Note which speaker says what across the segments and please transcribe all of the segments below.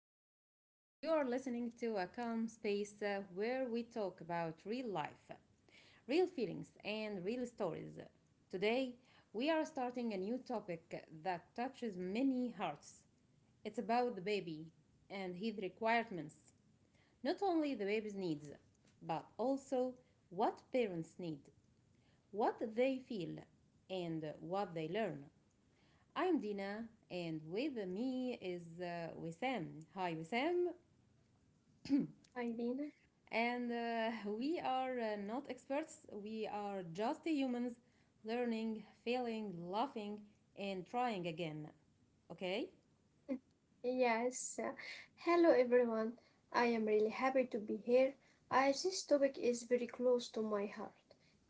Speaker 1: and welcome. You are listening to a calm space where we talk about real life, real feelings, and real stories. Today, we are starting a new topic that touches many hearts. It's about the baby and his requirements. Not only the baby's needs, but also what parents need, what they feel, and what they learn. I'm Dina, and with me is Wissam. Hi, Wissam.
Speaker 2: Irina.
Speaker 1: And We are not experts, we are just humans learning, failing, laughing, and trying again. Okay?
Speaker 2: Yes. uh, Hello, everyone. I am really happy to be here. As this topic is very close to my heart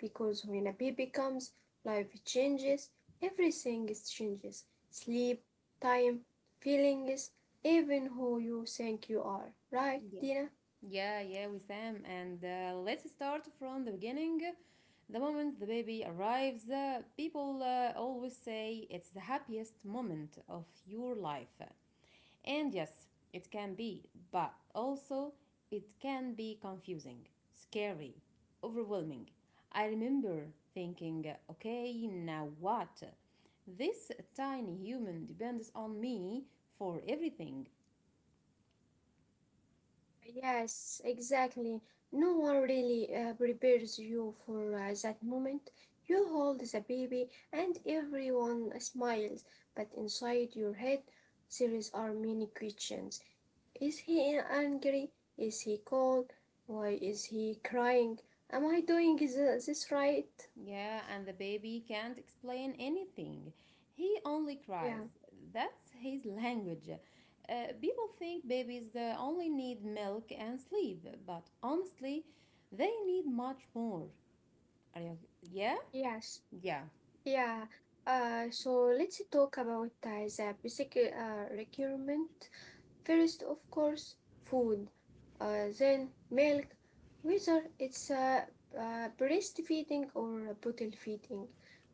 Speaker 2: because when a baby comes, life changes, everything is changes sleep, time, feelings, even who you think you are. Right, Dina?
Speaker 1: Yeah, yeah, Wissam. And let's start from the beginning. The moment the baby arrives, people always say it's the happiest moment of your life. And yes, it can be, but also it can be confusing, scary, overwhelming. I remember thinking, okay, now what? This tiny human depends on me for everything.
Speaker 2: Yes, exactly. No one really prepares you for that moment. You hold the baby and everyone smiles, but inside your head there is are many questions. Is he angry? Is he cold? Why is he crying? Am I doing this right?
Speaker 1: Yeah, and the baby can't explain anything. He only
Speaker 2: Yeah,
Speaker 1: cries. That's his language. Uh, people think babies only need milk and sleep, but honestly, they need much more. Are you, yeah?
Speaker 2: yes,
Speaker 1: Yeah.
Speaker 2: yeah. So let's talk about the basic requirement. First, of course, food, then milk, whether it's breastfeeding or bottle feeding.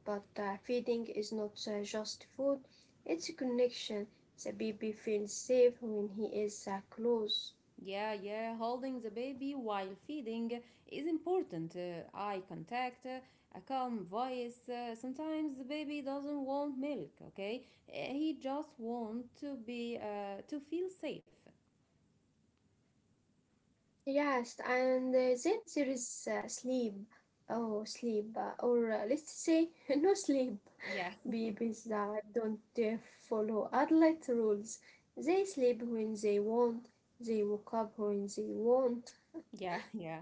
Speaker 2: But feeding is not just food, it's a connection. The baby feels safe when he is close.
Speaker 1: Yeah, yeah. Holding the baby while feeding is important. Eye contact, a calm voice. Sometimes the baby doesn't want milk, okay? He just wants to be to feel safe.
Speaker 2: Yes, and then there is sleep. Oh, sleep, or let's say no sleep.
Speaker 1: Yeah,
Speaker 2: Babies that don't follow adult rules. They sleep when they want, they wake up when they want.
Speaker 1: yeah, yeah.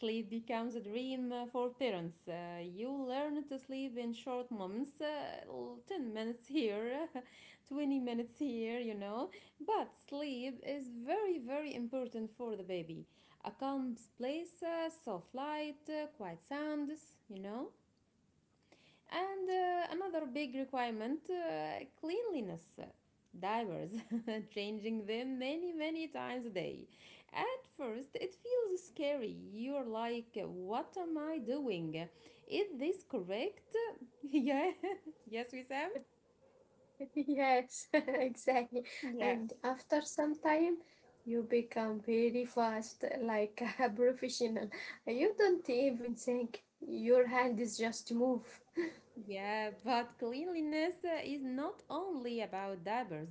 Speaker 1: Sleep becomes a dream for parents. You learn to sleep in short moments, 10 minutes here, 20 minutes here, you know. But sleep is very, very important for the baby. A calm place, soft light, quiet sounds, you know. And another big requirement: cleanliness. Diapers, changing them many, many times a day. At first, it feels scary. You're like, what am I doing? Is this correct? yeah. yes, we Sam?
Speaker 2: Yes, exactly.
Speaker 1: Yeah.
Speaker 2: And after some time, you become very fast, like a professional. You don't even think, your hand is just move.
Speaker 1: Yeah, but cleanliness is not only about diapers.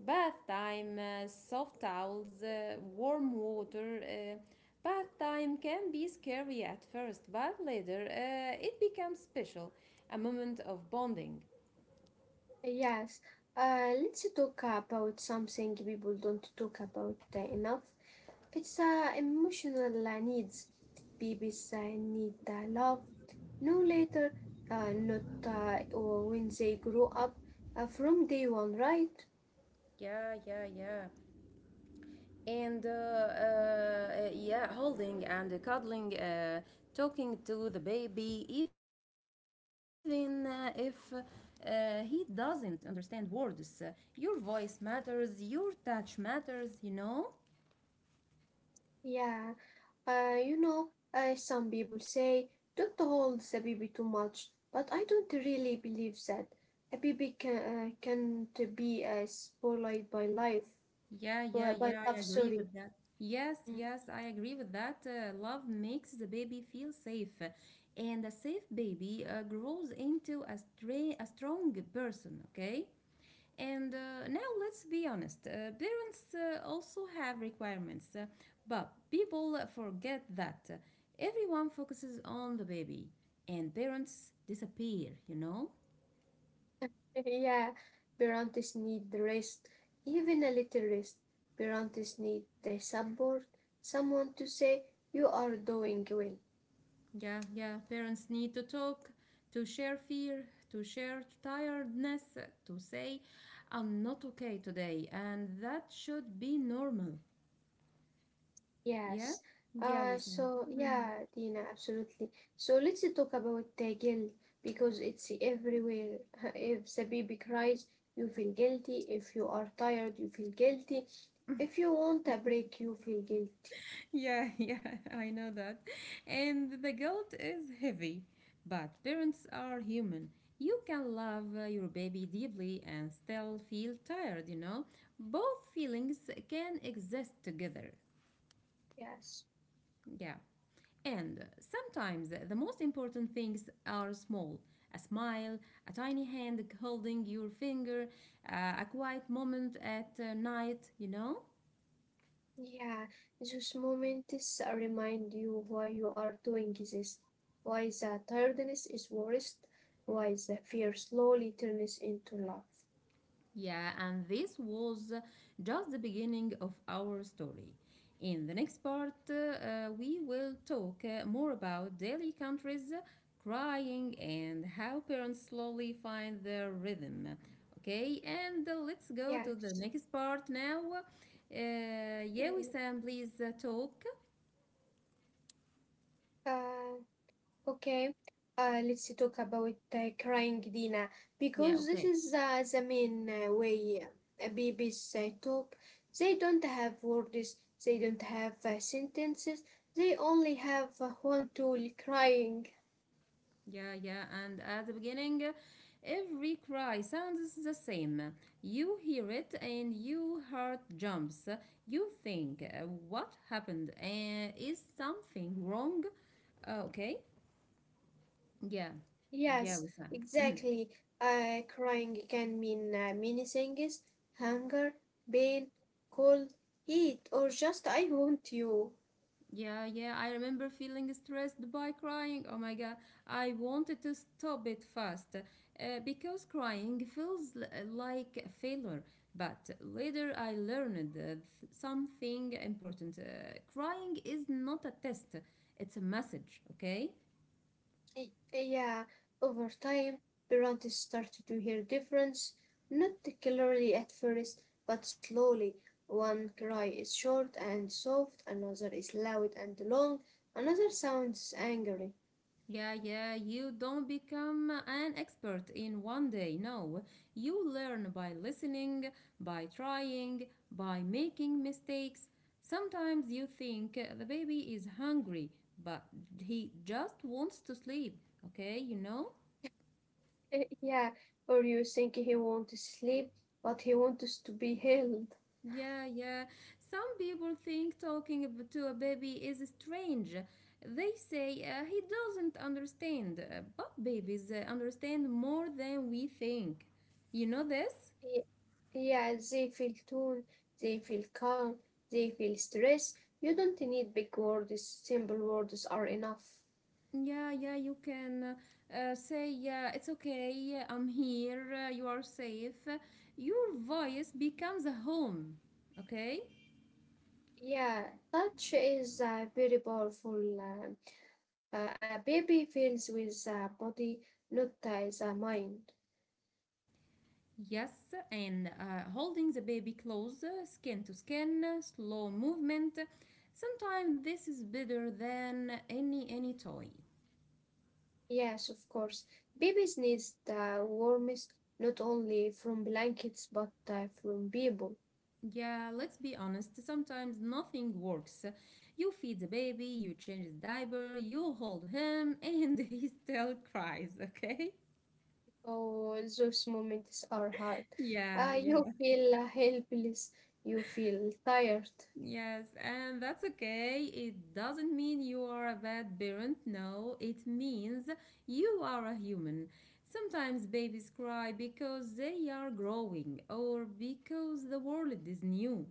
Speaker 1: Bath time, soft towels, warm water. Bath time can be scary at first, but later it becomes special, a moment of bonding.
Speaker 2: Yes, let's talk about something people don't talk about enough. It's emotional needs. Babies need love no later, not or when they grow up from day one, right?
Speaker 1: Yeah, yeah, yeah. Holding and cuddling, talking to the baby, even if he doesn't understand words. Your voice matters, your touch matters, you know?
Speaker 2: Yeah, you know, some people say don't hold the baby too much, but I don't really believe that. A baby can't be spoiled by life,
Speaker 1: Yeah, yeah,
Speaker 2: by
Speaker 1: yeah, I
Speaker 2: love,
Speaker 1: agree
Speaker 2: sorry.
Speaker 1: with that. Yes,
Speaker 2: Mm.
Speaker 1: yes, I agree with that. Love makes the baby feel safe, and a safe baby grows into a strong person, okay? And now let's be honest. Parents also have requirements, but people forget that everyone focuses on the baby, and parents disappear, you know?
Speaker 2: Yeah, parents need rest, even a little rest. Parents need their support, someone to say you are doing well.
Speaker 1: Yeah, yeah. Parents need to talk, to share fear, to share tiredness, to say, I'm not okay today, and that should be normal. Yeah?
Speaker 2: Yes.
Speaker 1: Yeah, we say.
Speaker 2: So yeah, Dina, absolutely. So let's talk about the guilt because it's everywhere. If the baby cries, you feel guilty. If you are tired, you feel guilty. If you want a break, you feel guilty.
Speaker 1: Yeah, yeah, I know that. And the guilt is heavy, but parents are human. You can love your baby deeply and still feel tired, you know? Both feelings can exist together.
Speaker 2: Yes.
Speaker 1: Yeah. And sometimes the most important things are small: a smile, a tiny hand holding your finger, a quiet moment at night, you know?
Speaker 2: Yeah, those moments remind you why you are doing this, why the tiredness is worst, why the fear slowly turns into love.
Speaker 1: Yeah, and this was just the beginning of our story. In the next part, we will talk more about daily countries crying and how parents slowly find their rhythm. Okay, and let's go to the
Speaker 2: Yes.
Speaker 1: next part now. Yeah, we
Speaker 2: Mm,
Speaker 1: Sam, please talk.
Speaker 2: Uh, okay. Let's talk about crying, Dina,
Speaker 1: Yeah,
Speaker 2: because this
Speaker 1: okay.
Speaker 2: is the main way babies talk. They don't have words, they don't have sentences, they only have one tool crying.
Speaker 1: Yeah, yeah, and at the beginning, every cry sounds the same. You hear it and your heart jumps. You think, what happened? Is something wrong? Okay, yeah,
Speaker 2: Yes,
Speaker 1: yeah, Wissam. Mhm.
Speaker 2: exactly. Crying can mean many things hunger, pain, cold, heat, or just I want you.
Speaker 1: Yeah, yeah, I remember feeling stressed by crying. Oh my god, I wanted to stop it fast because crying feels like a failure. But later I learned something important. Crying is not a test, it's a message, okay?
Speaker 2: Y- Yeah, Over time, parents started to hear difference, not clearly at first, but slowly. One cry is short and soft, another is loud and long, another sounds angry.
Speaker 1: Yeah, yeah, you don't become an expert in one day. No, you learn by listening, by trying, by making mistakes. Sometimes you think the baby is hungry, but he just wants to sleep. Okay, you know?
Speaker 2: Yeah, or you think he wants to sleep, but he wants to be held.
Speaker 1: Yeah, yeah. Some people think talking to a baby is strange. They say he doesn't understand, but babies understand more than we think. You know this?
Speaker 2: Yeah, they feel tuned, they feel calm, they feel stress. You don't need big words, simple words are enough.
Speaker 1: Yeah, yeah, you can say, it's okay, yeah, I'm here, you are safe. Your voice becomes a home, okay?
Speaker 2: Yeah, touch is very powerful. um, a baby feels with the body, not the mind.
Speaker 1: Yes, and holding the baby close, skin to skin, slow movement. Sometimes this is better than any toy.
Speaker 2: Yes, of course. Babies need the warmth not only from blankets but from people.
Speaker 1: Yeah, let's be honest, sometimes nothing works. You feed the baby, you change his diaper, you hold him, and he still cries, okay?
Speaker 2: Oh, those moments are hard.
Speaker 1: Yeah,
Speaker 2: You
Speaker 1: yeah,
Speaker 2: feel helpless, you feel tired.
Speaker 1: yes, and that's okay. It doesn't mean you are a bad parent. No, it means you are a human. Sometimes babies cry because they are growing or because the world is new.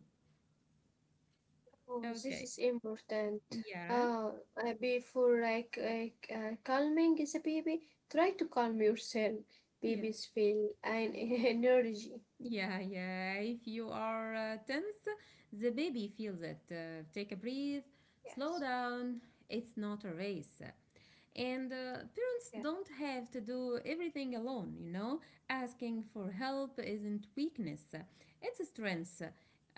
Speaker 2: Oh, this
Speaker 1: Okay,
Speaker 2: is important.
Speaker 1: yeah,
Speaker 2: Uh, Before like calming the baby, try to calm yourself.
Speaker 1: yeah.
Speaker 2: Babies feel an energy.
Speaker 1: Yeah, yeah. If you are tense, the baby feels it. Take a breath,
Speaker 2: Yes.
Speaker 1: slow down. It's not a race. And parents
Speaker 2: Yeah.
Speaker 1: don't have to do everything alone, you know? Asking for help isn't weakness, it's a strength.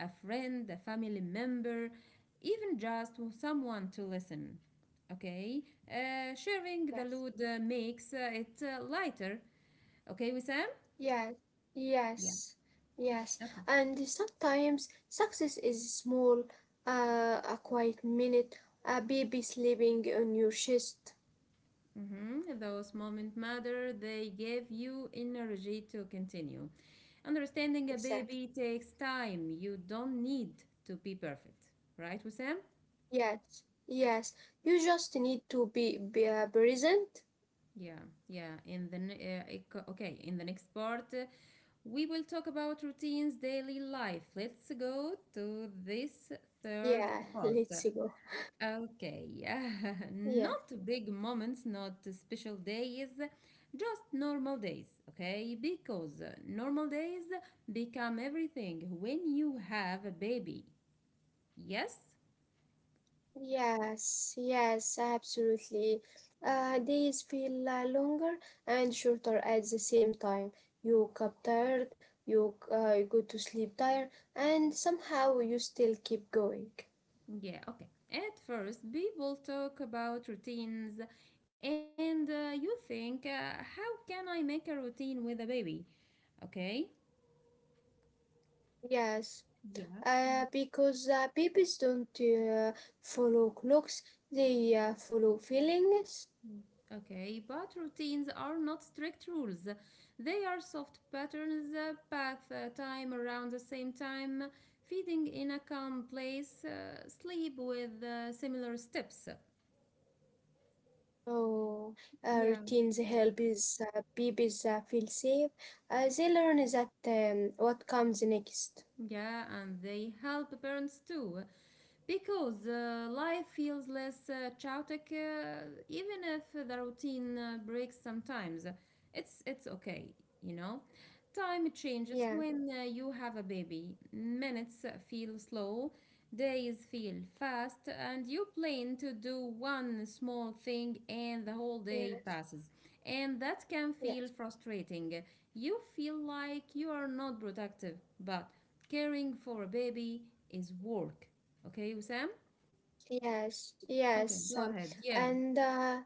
Speaker 1: A friend, a family member, even just someone to listen. Okay? Sharing the
Speaker 2: Yes.
Speaker 1: load makes it lighter. Okay, Wissam?
Speaker 2: Yes.
Speaker 1: Yeah.
Speaker 2: Yes. Yes.
Speaker 1: Okay.
Speaker 2: And sometimes success is small. A quiet minute. A baby sleeping on your chest.
Speaker 1: Mhm. Those moments matter, they give you energy to continue. Understanding a
Speaker 2: Exactly.
Speaker 1: baby takes time. You don't need to be perfect, right, Wissam?
Speaker 2: Yes. Yes. You just need to be present.
Speaker 1: Yeah, yeah. In the ne- ec- okay, In the next part, we will talk about routines, daily life. Let's go to this third
Speaker 2: Yeah.
Speaker 1: part.
Speaker 2: Let's go.
Speaker 1: Okay,
Speaker 2: Yeah.
Speaker 1: not big moments, not special days, just normal days, okay? Because normal days become everything when you have a baby. Yes?
Speaker 2: Yes, yes, absolutely. Days feel longer and shorter at the same time. You get tired, you go to sleep tired, and somehow you still keep going.
Speaker 1: Yeah, okay. At first, people talk about routines, and you think, how can I make a routine with a baby? Okay?
Speaker 2: Yes,
Speaker 1: Yeah.
Speaker 2: because babies don't follow clocks, they follow feelings.
Speaker 1: Okay, but routines are not strict rules. They are soft patterns, bath time around the same time, feeding in a calm place, sleep with similar steps.
Speaker 2: So
Speaker 1: Yeah.
Speaker 2: routines help is, babies feel safe. They learn that what comes next.
Speaker 1: Yeah, and they help parents too. Because life feels less chaotic, even if the routine breaks sometimes. It's okay, you know? Time changes
Speaker 2: Yeah.
Speaker 1: when you have a baby. Minutes feel slow, days feel fast, and you plan to do one small thing and the whole day
Speaker 2: Yes,
Speaker 1: passes. And that can feel
Speaker 2: yes,
Speaker 1: frustrating. You feel like you are not productive, but caring for a baby is work. Okay, Wissam?
Speaker 2: yes,
Speaker 1: Okay,
Speaker 2: yes.
Speaker 1: go ahead. Yeah,
Speaker 2: And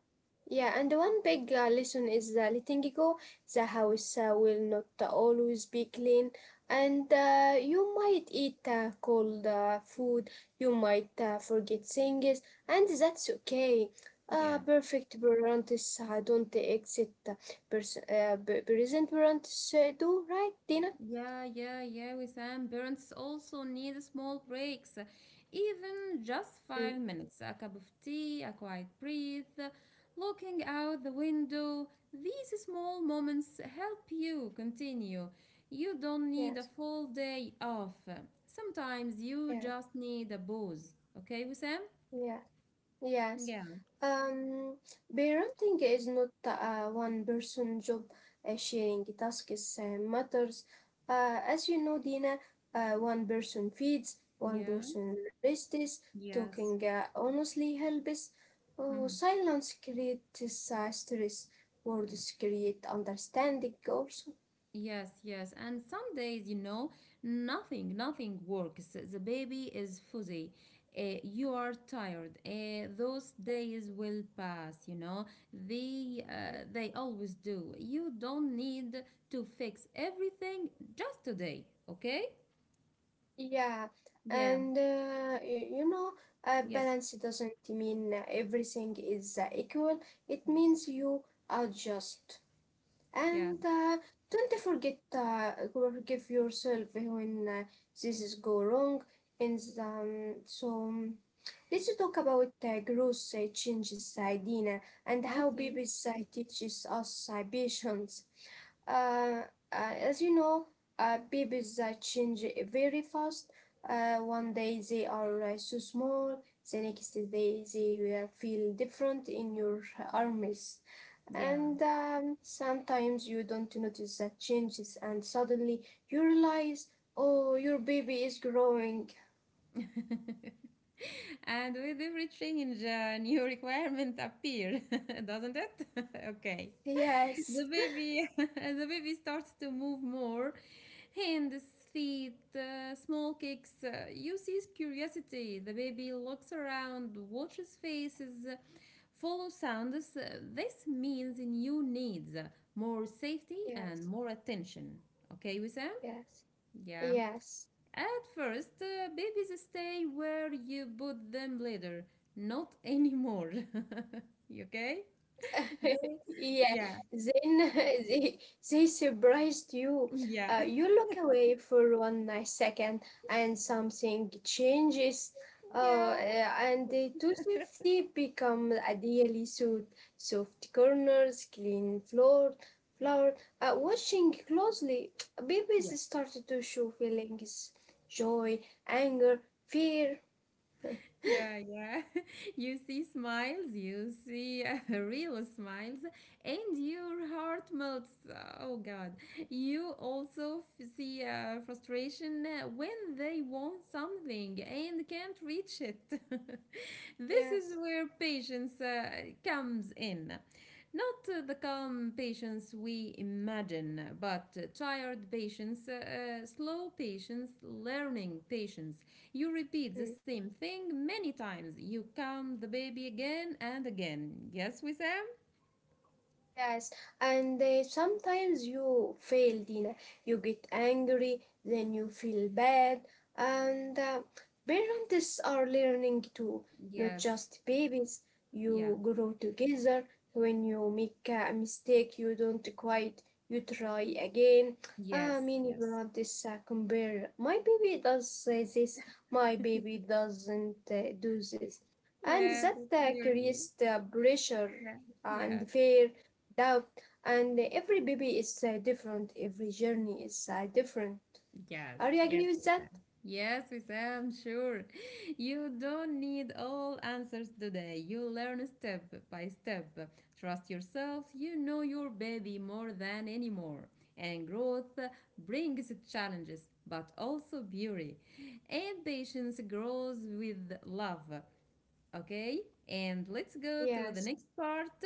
Speaker 2: Yeah, and one big lesson is letting go. The house will not always be clean, and you might eat cold food, you might forget things, and that's okay.
Speaker 1: yeah,
Speaker 2: Perfect parents don't exit present parents do, right, Dina?
Speaker 1: yeah, yeah, yeah, Wissam. Parents also need small breaks, even just five
Speaker 2: Mm.
Speaker 1: minutes. A cup of tea, a quiet breathe, looking out the window. These small moments help you continue. You don't need a
Speaker 2: Yes,
Speaker 1: full day off. Sometimes you
Speaker 2: yes,
Speaker 1: just need a pause. Okay, Wissam?
Speaker 2: yes. Yes.
Speaker 1: Yeah.
Speaker 2: Um, Parenting is not a one person job. Sharing tasks matters. As you know, Dina, one person feeds, one
Speaker 1: Yeah,
Speaker 2: person rests,
Speaker 1: yes.
Speaker 2: talking honestly helps. Oh,
Speaker 1: Mhm.
Speaker 2: silence creates stress,
Speaker 1: Yeah.
Speaker 2: words create understanding also.
Speaker 1: Yes, yes. And some days, you know, nothing works. The baby is fuzzy. You are tired. Those
Speaker 2: Yeah,
Speaker 1: days will pass, you know.
Speaker 2: yeah.
Speaker 1: They always do. You don't need to fix everything just today, okay?
Speaker 2: Yeah,
Speaker 1: Yeah,
Speaker 2: and you know,
Speaker 1: yes,
Speaker 2: balance doesn't mean everything is equal. It
Speaker 1: yes,
Speaker 2: means you adjust.
Speaker 1: yeah.
Speaker 2: And don't forget forgive yourself when this is go wrong. And so Let's talk about growth changes, Dina, and how
Speaker 1: Okay,
Speaker 2: babies teaches us patience. Uh, as you know, babies change very fast. One day they are so small, the next day they feel different in your arms.
Speaker 1: yeah.
Speaker 2: And sometimes you don't notice that changes, and suddenly you realize, oh, your baby is growing.
Speaker 1: And with every change, new requirements appear, doesn't it? okay.
Speaker 2: Yes,
Speaker 1: The baby the baby starts to move more: hands, feet, small kicks. You see curiosity. The baby looks around, watches faces, follows sounds. This means new needs, more safety and
Speaker 2: yes,
Speaker 1: more attention. Okay, Wissam?
Speaker 2: yes,
Speaker 1: Yeah.
Speaker 2: yes.
Speaker 1: At first, babies stay where you put them. Later, not anymore. You okay? They,
Speaker 2: Yeah,
Speaker 1: yeah,
Speaker 2: then they surprised you.
Speaker 1: yeah.
Speaker 2: You look away for one nice second, and something changes.
Speaker 1: yeah.
Speaker 2: And the toothpaste become a daily suit. Soft corners, clean floor. Watching closely, babies started to show feelings, joy, anger, fear.
Speaker 1: Yeah, yeah. You see smiles, you see real smiles, and your heart melts. Oh God. You also see frustration when they want something and can't reach it. This
Speaker 2: Yes.
Speaker 1: is where patience comes in. Not the calm patience we imagine, but tired patience, slow patience, learning patience. You repeat the
Speaker 2: Hmm.
Speaker 1: same thing many times. You calm the baby again and again. Yes, Wissam?
Speaker 2: Yes, and sometimes you fail, Dina. You get angry, then you feel bad, and parents are learning too, not just
Speaker 1: Yes,
Speaker 2: babies. You
Speaker 1: yeah,
Speaker 2: grow together. When you make a mistake, you don't quit. You try again.
Speaker 1: yes,
Speaker 2: Many
Speaker 1: yes.
Speaker 2: parents compare. My baby does this. My baby doesn't do this, and
Speaker 1: Yeah,
Speaker 2: that
Speaker 1: that's really.
Speaker 2: creates the pressure
Speaker 1: Yeah. Yeah.
Speaker 2: and fear doubt. And every baby is different, every journey is different.
Speaker 1: Yes.
Speaker 2: Are you agree
Speaker 1: Yes,
Speaker 2: with that?
Speaker 1: Wissam. Yes, Wissam, sure. You don't need all answers today. You learn step by step. Trust yourself. You know your baby more than anymore. And growth brings challenges, but also beauty. And patience grows with love. Okay, and let's go to
Speaker 2: Yes,
Speaker 1: the next part.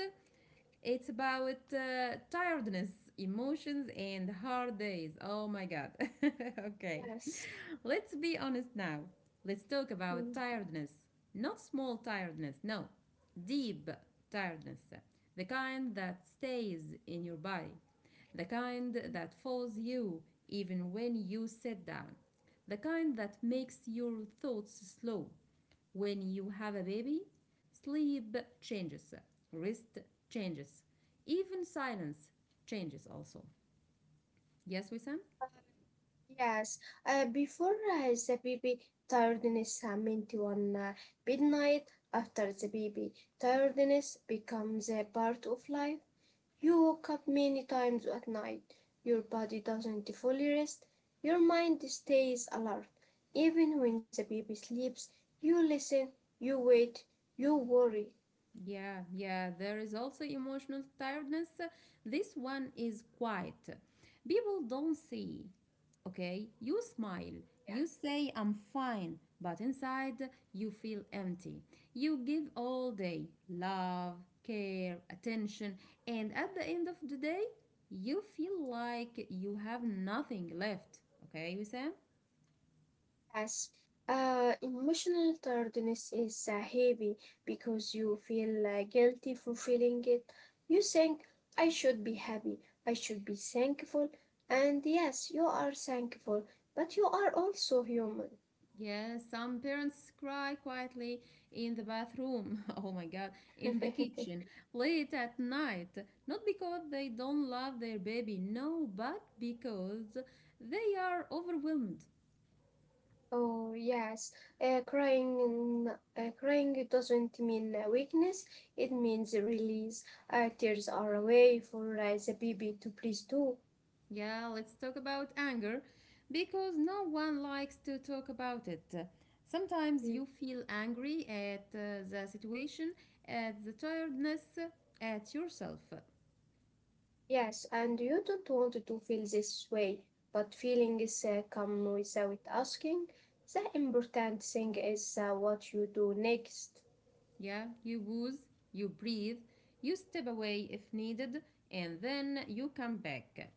Speaker 1: It's about tiredness, emotions, and hard days. Oh my god. okay.
Speaker 2: yes.
Speaker 1: Let's be honest now. Let's talk about
Speaker 2: Mm,
Speaker 1: tiredness. Not small tiredness, no. Deep tiredness. The kind that stays in your body. The kind
Speaker 2: mm.
Speaker 1: that follows you even when you sit down. The kind that makes your thoughts slow. When you have a baby, sleep changes, rest changes, even silence changes also. Yes, Wissam?
Speaker 2: Yes, before the baby tiredness meant one midnight, after the baby tiredness becomes a part of life. You woke up many times at night. Your body doesn't fully rest. Your mind stays alert. Even when the baby sleeps, you listen, you wait, you worry.
Speaker 1: Yeah, yeah, there is also emotional tiredness. This one is quiet. People don't see. Okay, you smile,
Speaker 2: Yeah.
Speaker 1: you say, I'm fine, but inside you feel empty. You give all day love, care, attention, and at the end of the day, you feel like you have nothing left. Okay, Wissam?
Speaker 2: Yes. Emotional tiredness is heavy because you feel guilty for feeling it. You think, I should be happy, I should be thankful. And yes, you are thankful, but you are also human.
Speaker 1: Yes, some parents cry quietly in the bathroom. Oh my God, in the kitchen, late at night. Not because they don't love their baby, no, but because they are overwhelmed.
Speaker 2: Oh yes, uh, crying in, crying doesn't mean weakness. It means release. Tears are a way for the baby to please too.
Speaker 1: Yeah, let's talk about anger because no one likes to talk about it. Sometimes
Speaker 2: Mm.
Speaker 1: you feel angry at the situation, at the tiredness, at yourself.
Speaker 2: Yes, and you don't want to feel this way, but feelings come without asking. The important thing is what you do next.
Speaker 1: Yeah, you wooze, you breathe, you step away if needed, and then you come back.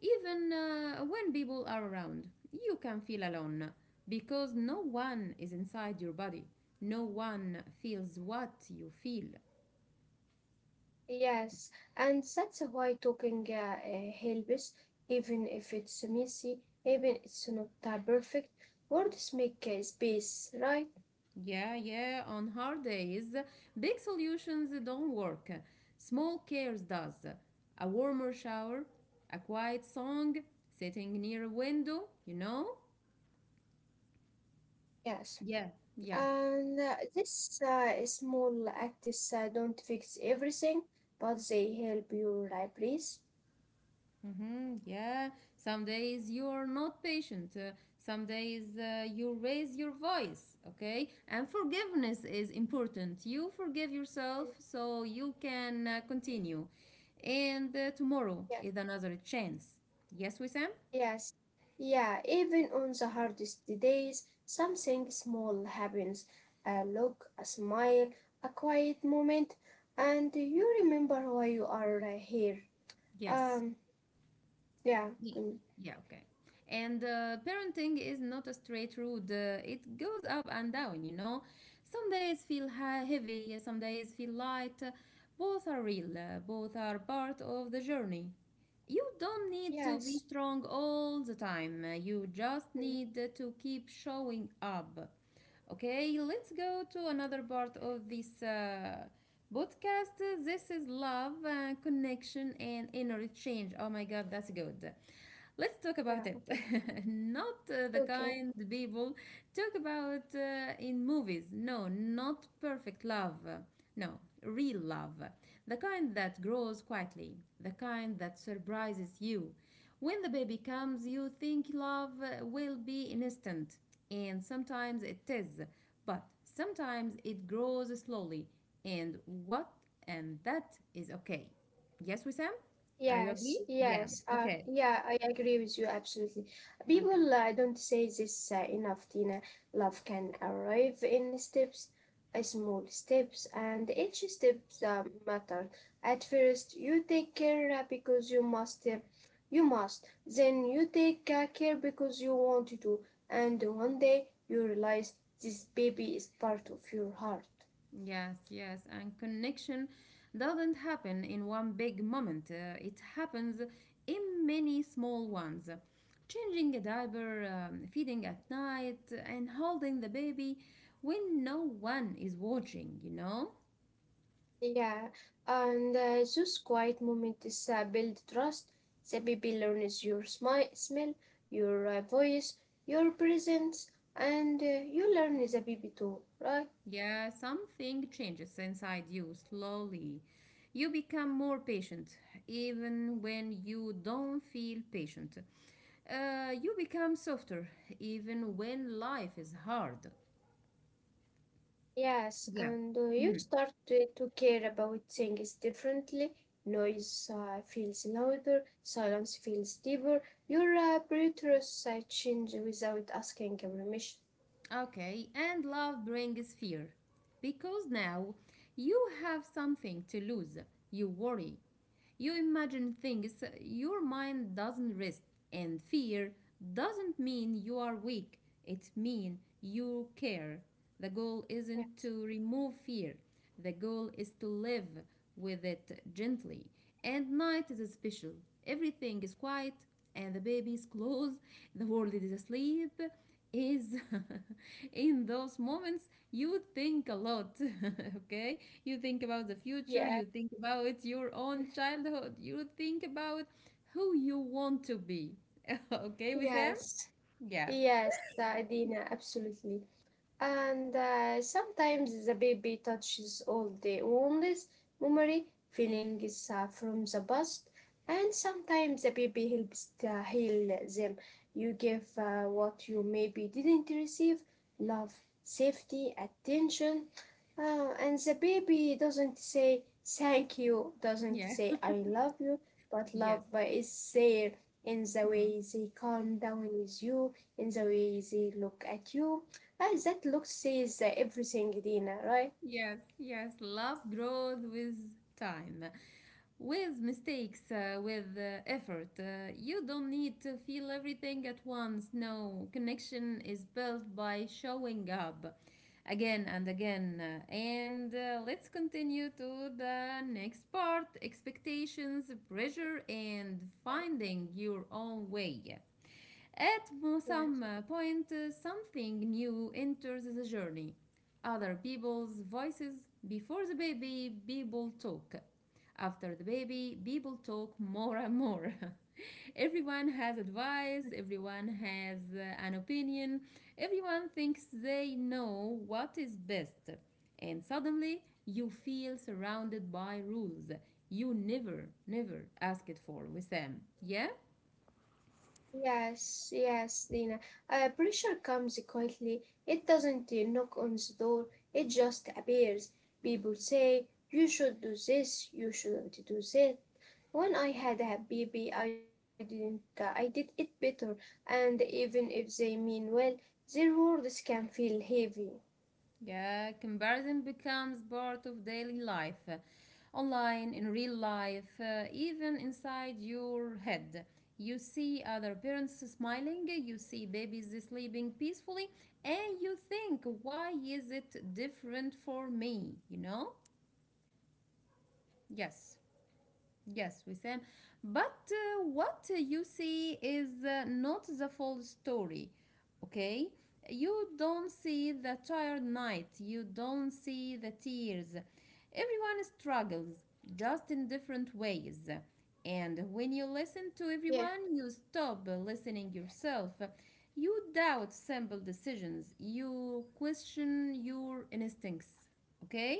Speaker 1: Even when people are around, you can feel alone because no one is inside your body. No one feels what you feel.
Speaker 2: Yes, and that's why talking helps, even if it's messy, even it's not perfect. Words make space, right?
Speaker 1: Yeah, yeah, on hard days, big solutions don't work. Small cares does. A warmer shower, a quiet song, sitting near a window,
Speaker 2: Yes,
Speaker 1: Yeah, yeah.
Speaker 2: and this small acts don't fix everything, but they help you breathe.
Speaker 1: Yeah, some days you're not patient, some days you raise your voice, okay? And forgiveness is important. You forgive yourself
Speaker 2: Mm.
Speaker 1: so you can continue. And tomorrow
Speaker 2: Yeah.
Speaker 1: is another chance. Yes, Wissam?
Speaker 2: Yes, yeah, even on the hardest days, something small happens. A look, a smile, a quiet moment, and you remember why you are here.
Speaker 1: Yes.
Speaker 2: Um, yeah,
Speaker 1: Ye-
Speaker 2: con-
Speaker 1: Yeah, okay. And parenting is not a straight road. It goes up and down, you know. Some days feel heavy, some days feel light. Both are real, both are part of the journey. You don't need to be
Speaker 2: yes,
Speaker 1: strong all the time. You just
Speaker 2: mm,
Speaker 1: need to keep showing up. Okay, let's go to another part of this podcast. This is love, connection, and inner exchange. Oh my God, that's good. Let's talk about
Speaker 2: yeah,
Speaker 1: it.
Speaker 2: okay,
Speaker 1: Not the
Speaker 2: okay.
Speaker 1: kind people talk about in movies. No, not perfect love. No, real love. The kind that grows quietly. The kind that surprises you. When the baby comes, you think love will be instant. And sometimes it is. But sometimes it grows slowly. And what? And that is okay. Yes, Wissam? Are you
Speaker 2: Yes,
Speaker 1: agree? Yeah.
Speaker 2: yes,
Speaker 1: Okay.
Speaker 2: yeah, I agree with you absolutely.
Speaker 1: Okay.
Speaker 2: People don't say this enough, Tina. Love can arrive in steps, small steps, and each step matter. At first, you take care because you must. Then you take care because you want to, and one day you realize this baby is part of your heart.
Speaker 1: Yes, yes, and connection doesn't happen in one big moment. It happens in many small ones. Changing a diaper, feeding at night, and holding the baby when no one is watching, you know?
Speaker 2: Yeah, and those quiet moments build trust. The baby learns your smell, your voice, your presence, and you learn the baby too, right?
Speaker 1: Yeah, something changes inside you slowly. You become more patient, even when you don't feel patient. You become softer, even when life is hard.
Speaker 2: Yes,
Speaker 1: Yeah.
Speaker 2: and you start to care about things differently. Noise feels louder, silence feels deeper. Your preterus change without asking permission.
Speaker 1: Okay, and love brings fear. Because now you have something to lose. You worry. You imagine things. Your mind doesn't rest. And fear doesn't mean you are weak. It means you care. The goal
Speaker 2: Yeah.
Speaker 1: isn't to remove fear. The goal is to live with it gently. And night is special. Everything is quiet and the baby is close. The world is asleep is in those moments you think a lot okay, you think about the future,
Speaker 2: Yeah.
Speaker 1: you think about your own childhood, you think about who you want to be okay with them.
Speaker 2: Yes,
Speaker 1: Yeah,
Speaker 2: yes, Adina, absolutely. And sometimes the baby touches all the wounds, memory, feelings from the past, and sometimes the baby helps to heal them. You give what you maybe didn't receive love, safety, attention, and the baby doesn't say thank you, doesn't
Speaker 1: yeah,
Speaker 2: say I love you, but love
Speaker 1: yes.
Speaker 2: is there in the
Speaker 1: Hmm.
Speaker 2: way they calm down with you, in the way they look at you. That look says everything, Dina, right?
Speaker 1: Yes, yes, love grows with time, with mistakes, with effort. You don't need to feel everything at once. No, connection is built by showing up again and again. And let's continue to the next part: expectations, pressure, and finding your own way. At some
Speaker 2: Yes.
Speaker 1: point, something new enters the journey. Other people's voices. Before the baby, people talk. After the baby, people talk more and more. Everyone has advice, everyone has an opinion, everyone thinks they know what is best. And suddenly, you feel surrounded by rules you never, never asked for, Wissam. Yeah?
Speaker 2: Yes, yes, Dina. Pressure comes quietly. It doesn't knock on the door, it just appears. People say, you should do this, you shouldn't do that. When I had a baby, I didn't, I did it better, and even if they mean well, their words can feel heavy.
Speaker 1: Yeah, comparison becomes part of daily life, online, in real life, even inside your head. You see other parents smiling, you see babies sleeping peacefully, and you think, why is it different for me? You know? Yes. Yes, Wissam. But what you see is not the full story, okay? You don't see the tired night, you don't see the tears. Everyone struggles, just in different ways. And when you listen to
Speaker 2: Yeah.
Speaker 1: everyone, you stop listening yourself. You doubt simple decisions, you question your instincts, okay?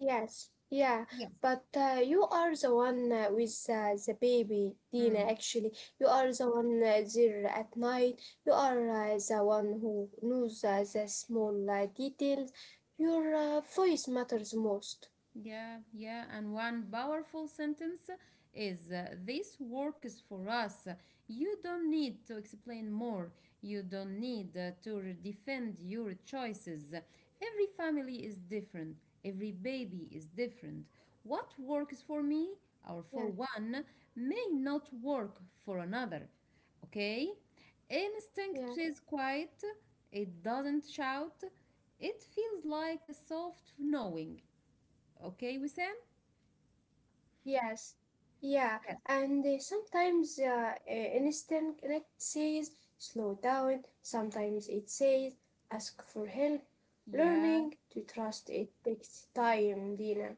Speaker 2: Yes, yeah,
Speaker 1: Yes.
Speaker 2: but you are the one with the baby, Dina, actually. You are the one there at night. You are the one who knows the small details. Your voice matters most.
Speaker 1: Yeah, yeah, and one powerful sentence is this works for us. You don't need to explain more. You don't need to defend your choices. Every family is different. Every baby is different. What works for me or for
Speaker 2: Yeah,
Speaker 1: one may not work for another. Okay?
Speaker 2: yeah,
Speaker 1: Instinct is quiet. It doesn't shout. It feels like a soft knowing. Okay, Wissam?
Speaker 2: yes, yeah.
Speaker 1: Yes.
Speaker 2: And sometimes instant connect says slow down, sometimes it says ask for help.
Speaker 1: Yeah,
Speaker 2: Learning to trust it takes time, Dina.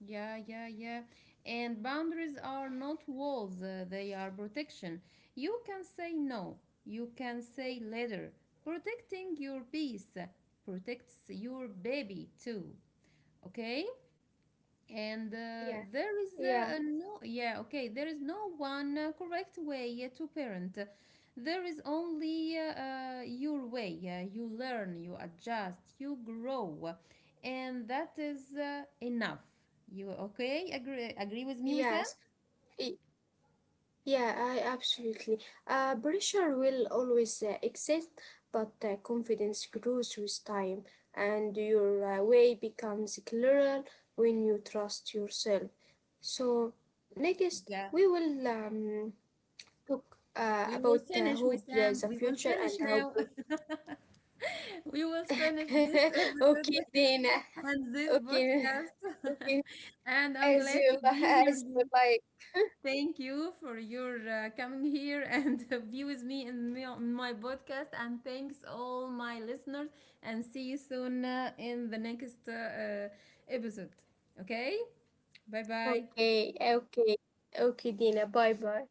Speaker 1: yeah, yeah, yeah. And boundaries are not walls, they are protection. You can say no, you can say later. Protecting your peace protects your baby too. Okay? And
Speaker 2: Yeah,
Speaker 1: there is
Speaker 2: yeah,
Speaker 1: no, yeah, okay, there is no one correct way to parent. There is only your way. You learn, you adjust, you grow, and that is enough. You okay? Agree, agree with me, Wissam?
Speaker 2: yes, y- yeah, I absolutely. Pressure will always exist, but confidence grows with time, and your way becomes clearer when you trust yourself. So, next,
Speaker 1: Yeah,
Speaker 2: we will talk
Speaker 1: we will
Speaker 2: about
Speaker 1: finish,
Speaker 2: hope,
Speaker 1: Wissam. We
Speaker 2: the
Speaker 1: will
Speaker 2: future,
Speaker 1: finish
Speaker 2: and
Speaker 1: now.
Speaker 2: how.
Speaker 1: We will finish this episode
Speaker 2: Okay, Dana.
Speaker 1: and this
Speaker 2: Okay,
Speaker 1: podcast.
Speaker 2: okay,
Speaker 1: And I'm
Speaker 2: as
Speaker 1: glad to
Speaker 2: you
Speaker 1: be here
Speaker 2: as you
Speaker 1: you.
Speaker 2: like.
Speaker 1: Thank you for your coming here and be with me in my podcast. And thanks all my listeners. And see you soon in the next episode. Okay, bye bye.
Speaker 2: Okay, è okay, è okay Dina, bye bye.